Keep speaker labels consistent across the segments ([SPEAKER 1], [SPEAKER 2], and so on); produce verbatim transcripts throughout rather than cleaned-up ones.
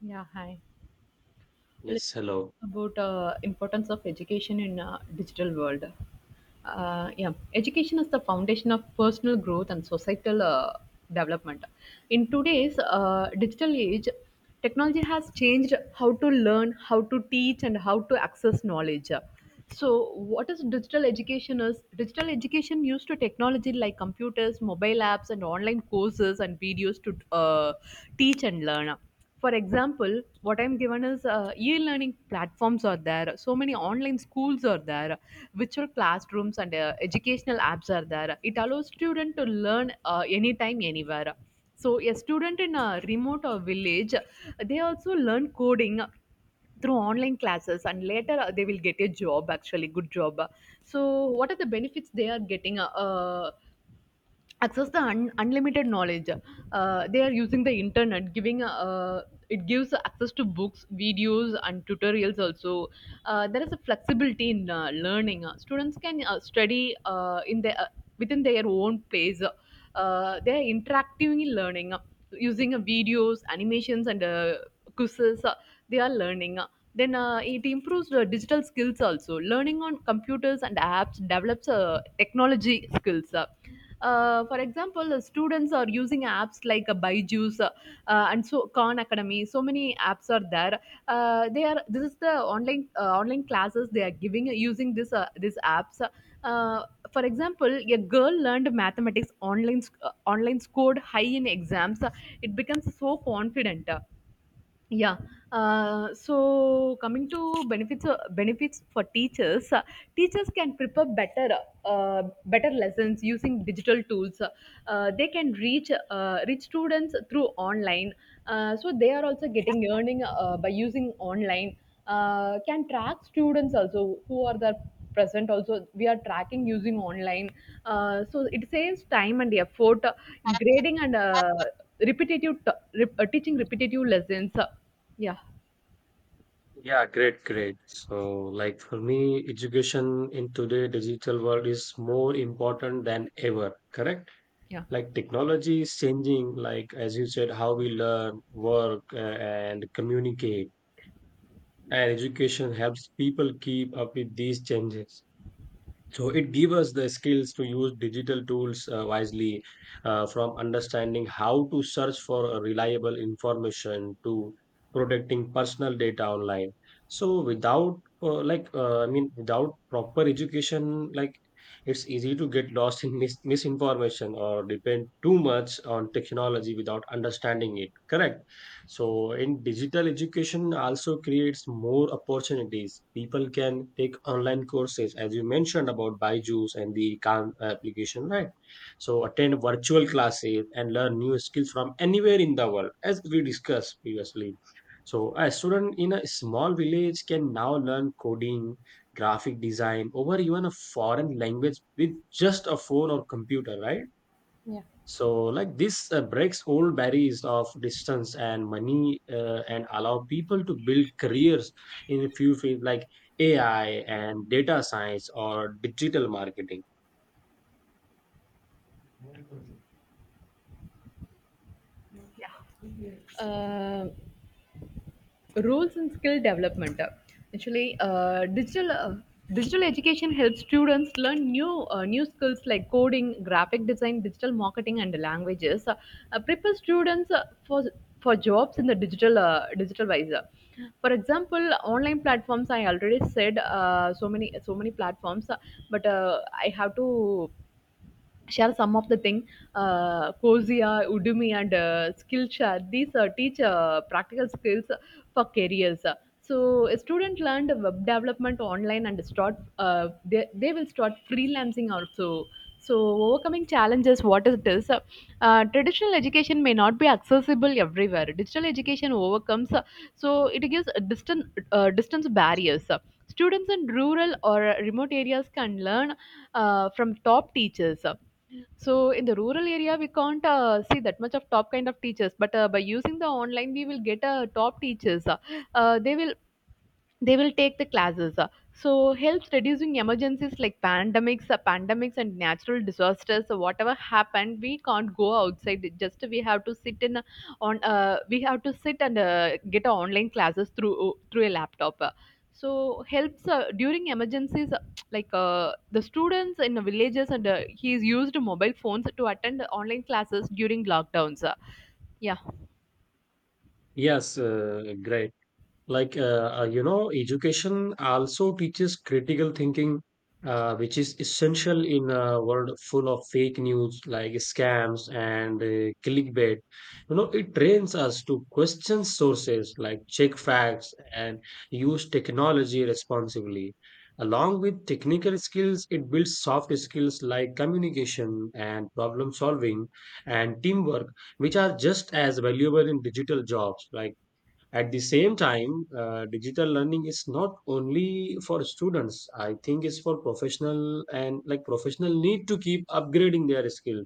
[SPEAKER 1] Yeah, hi. Let's
[SPEAKER 2] Yes, hello.
[SPEAKER 1] talk about uh, importance of education in uh, digital world. Uh, yeah, Education is the foundation of personal growth and societal uh, development. In today's uh, digital age, technology has changed how to learn, how to teach, and how to access knowledge. So, what is digital education? Is digital education used to technology like computers, mobile apps, and online courses and videos to uh, teach and learn. For example, what I'm given is uh, e-learning platforms are there. So many online schools are there, virtual classrooms and uh, educational apps are there. It allows student to learn uh, anytime, anywhere. So a student in a remote or village, they also learn coding through online classes, and later uh, they will get a job, actually good job. So what are the benefits they are getting? Uh, uh, access the un- unlimited knowledge. Uh, they are using the internet, giving uh, it gives access to books, videos, and tutorials also. Uh, there is a flexibility in uh, learning. Uh, students can uh, study uh, in their uh, within their own place. Uh, they are interacting in learning uh, using uh, videos, animations, and uh, quizzes. Uh, they are learning. Uh, then uh, It improves the digital skills also. Learning on computers and apps develops uh, technology skills. Uh, uh, for example, the students are using apps like uh, Byju's uh, and so Khan Academy. So many apps are there. Uh, they are this is the online uh, online classes they are giving using this uh, these apps. Uh, for example, a girl learned mathematics online sc- uh, online scored high in exams. It becomes so confident. Yeah. Uh, so coming to benefits, uh, benefits for teachers, uh, teachers can prepare better uh, better lessons using digital tools. Uh, they can reach uh, reach students through online. Uh, so they are also getting earning uh, by using online. Uh, can track students also who are there present also. We are tracking using online. Uh, so it saves time and effort, uh, grading and uh, repetitive t- rep- uh, teaching repetitive lessons. uh, yeah
[SPEAKER 2] Yeah, great, great. So, like for me, education in today digital world is more important than ever, correct?
[SPEAKER 1] yeah
[SPEAKER 2] Like technology is changing, like as you said, how we learn, work, uh, and communicate. And education helps people keep up with these changes. So it gives us the skills to use digital tools uh, wisely, uh, from understanding how to search for a reliable information to protecting personal data online. So without uh, like uh, i mean without proper education, like it's easy to get lost in mis- misinformation or depend too much on technology without understanding it, correct? So, in digital education also creates more opportunities. People can take online courses, as you mentioned about Byju's and the Khan application, right? So, attend virtual classes and learn new skills from anywhere in the world, as we discussed previously. So, a student in a small village can now learn coding, graphic design, or even a foreign language with just a phone or computer, right?
[SPEAKER 1] Yeah.
[SPEAKER 2] So, like this uh, breaks old barriers of distance and money, uh, and allow people to build careers in a few fields like A I and data science or digital marketing.
[SPEAKER 1] yeah uh, Roles and skill development. Uh, actually uh, digital uh, Digital education helps students learn new uh, new skills like coding, graphic design, digital marketing, and languages. Uh, uh, prepare students uh, for for jobs in the digital uh, digital wise. Uh, for example, online platforms I already said, uh, so many so many platforms, uh, but uh, I have to share some of the thing. uh, Cosia, Udemy, and uh, Skillshare. These uh, teach uh, practical skills for careers. So a student learned web development online and start. Uh, they, they will start freelancing also. So overcoming challenges, what is this? Uh, traditional education may not be accessible everywhere. Digital education overcomes, uh, so it gives a distant uh, distance barriers. Students in rural or uh, remote areas can learn uh, from top teachers. So in the rural area, we can't uh, see that much of top kind of teachers. But uh, by using the online, we will get uh, top teachers. Uh, they will they will take the classes. Uh, so helps reducing emergencies like pandemics, uh, pandemics and natural disasters. So whatever happened, we can't go outside. Just we have to sit in uh, on uh, we have to sit and uh, get online classes through uh, through a laptop. Uh, so helps uh, during emergencies, uh, like uh, the students in the villages and uh, he's used mobile phones to attend online classes during lockdowns. Uh, yeah
[SPEAKER 2] Yes, uh, great. Like uh, uh, you know, education also teaches critical thinking, uh, which is essential in a world full of fake news like scams and uh, clickbait. You know, it trains us to question sources, like check facts and use technology responsibly. Along with technical skills, it builds soft skills like communication and problem solving and teamwork, which are just as valuable in digital jobs. Like at the same time, uh, digital learning is not only for students. I think it's for professional, and like professional need to keep upgrading their skills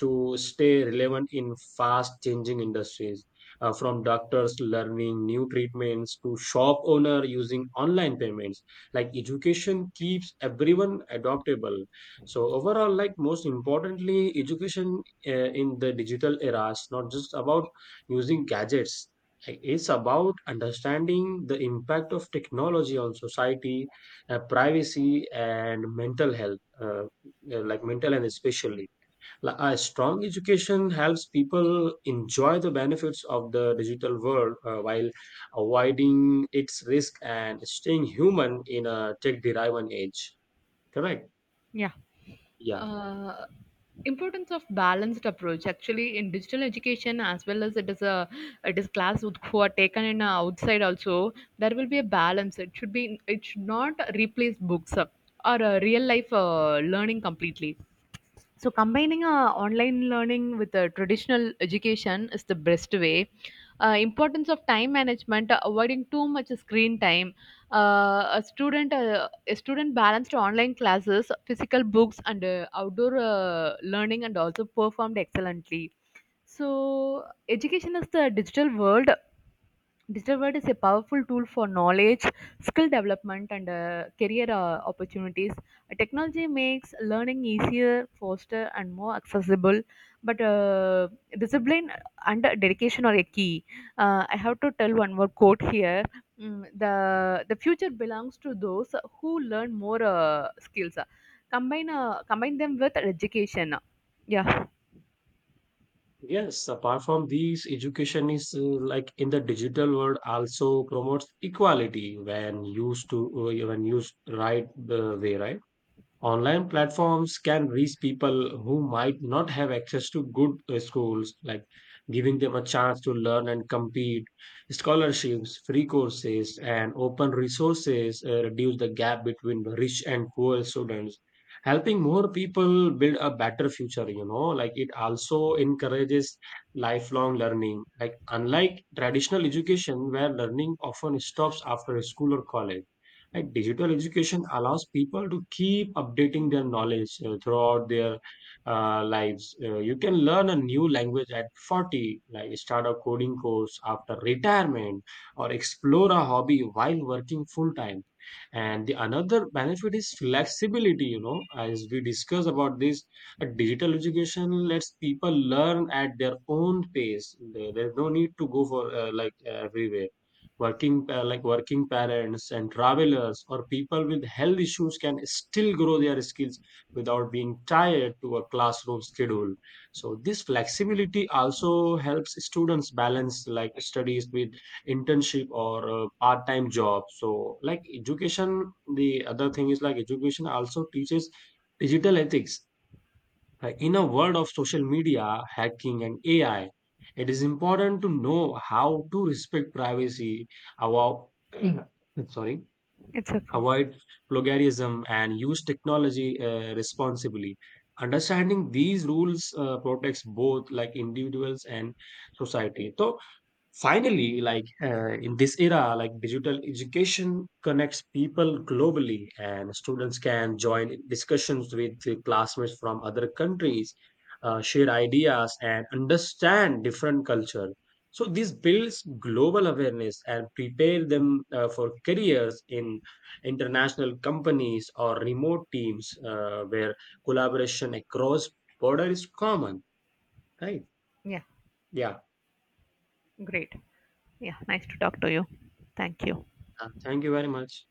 [SPEAKER 2] to stay relevant in fast changing industries. Uh, from doctors learning new treatments to shop owner using online payments, like education keeps everyone adaptable. So overall, like most importantly, education uh, in the digital era is not just about using gadgets. It's about understanding the impact of technology on society, uh, privacy, and mental health, uh, uh, like mental health especially. Like, a strong education helps people enjoy the benefits of the digital world uh, while avoiding its risk and staying human in a tech-driven age. Correct?
[SPEAKER 1] Yeah.
[SPEAKER 2] Yeah.
[SPEAKER 1] uh, Importance of balanced approach, actually in digital education as well as it is a it is class with- who are taken in uh, outside also, there will be a balance. It should be, it should not replace books uh, or uh, real life uh, learning completely. So combining uh, online learning with uh, traditional education is the best way. Uh, importance of time management, uh, avoiding too much screen time. Uh, a student uh, a student balanced online classes, physical books, and uh, outdoor uh, learning, and also performed excellently. So education is the digital world. Digital world is a powerful tool for knowledge, skill development, and uh, career uh, opportunities. Technology makes learning easier, faster, and more accessible. But uh, discipline and dedication are a key. Uh, I have to tell one more quote here. Mm, the the future belongs to those who learn more uh, skills. Combine uh, combine them with education. Yeah,
[SPEAKER 2] Yes, apart from these, education is uh, like in the digital world also promotes equality when used to, uh, when used right the way, right? Online platforms can reach people who might not have access to good uh, schools, like giving them a chance to learn and compete. Scholarships, free courses, and open resources uh, reduce the gap between rich and poor students, helping more people build a better future. You know, like it also encourages lifelong learning, like unlike traditional education where learning often stops after school or college. And digital education allows people to keep updating their knowledge uh, throughout their uh, lives. Uh, you can learn a new language at forty, like start a coding course after retirement, or explore a hobby while working full time. And the another benefit is flexibility. You know, as we discuss about this, a digital education lets people learn at their own pace. There- There's no need to go for uh, like everywhere. Working pa- like working parents and travelers or people with health issues can still grow their skills without being tied to a classroom schedule. So this flexibility also helps students balance like studies with internship or uh, part-time job. So like education, the other thing is like education also teaches digital ethics. uh, In a world of social media, hacking, and A I, it is important to know how to respect privacy, avoid, sorry,
[SPEAKER 1] it's okay.
[SPEAKER 2] avoid plagiarism, and use technology uh, responsibly. Understanding these rules uh, protects both like individuals and society. So finally, like uh, in this era, like digital education connects people globally, and students can join discussions with uh, classmates from other countries, uh, share ideas, and understand different culture. So this builds global awareness and prepare them uh, for careers in international companies or remote teams uh, where collaboration across border is common. Right?
[SPEAKER 1] Yeah,
[SPEAKER 2] Yeah.
[SPEAKER 1] great. Yeah, nice to talk to you. Thank you.
[SPEAKER 2] Uh, Thank you very much.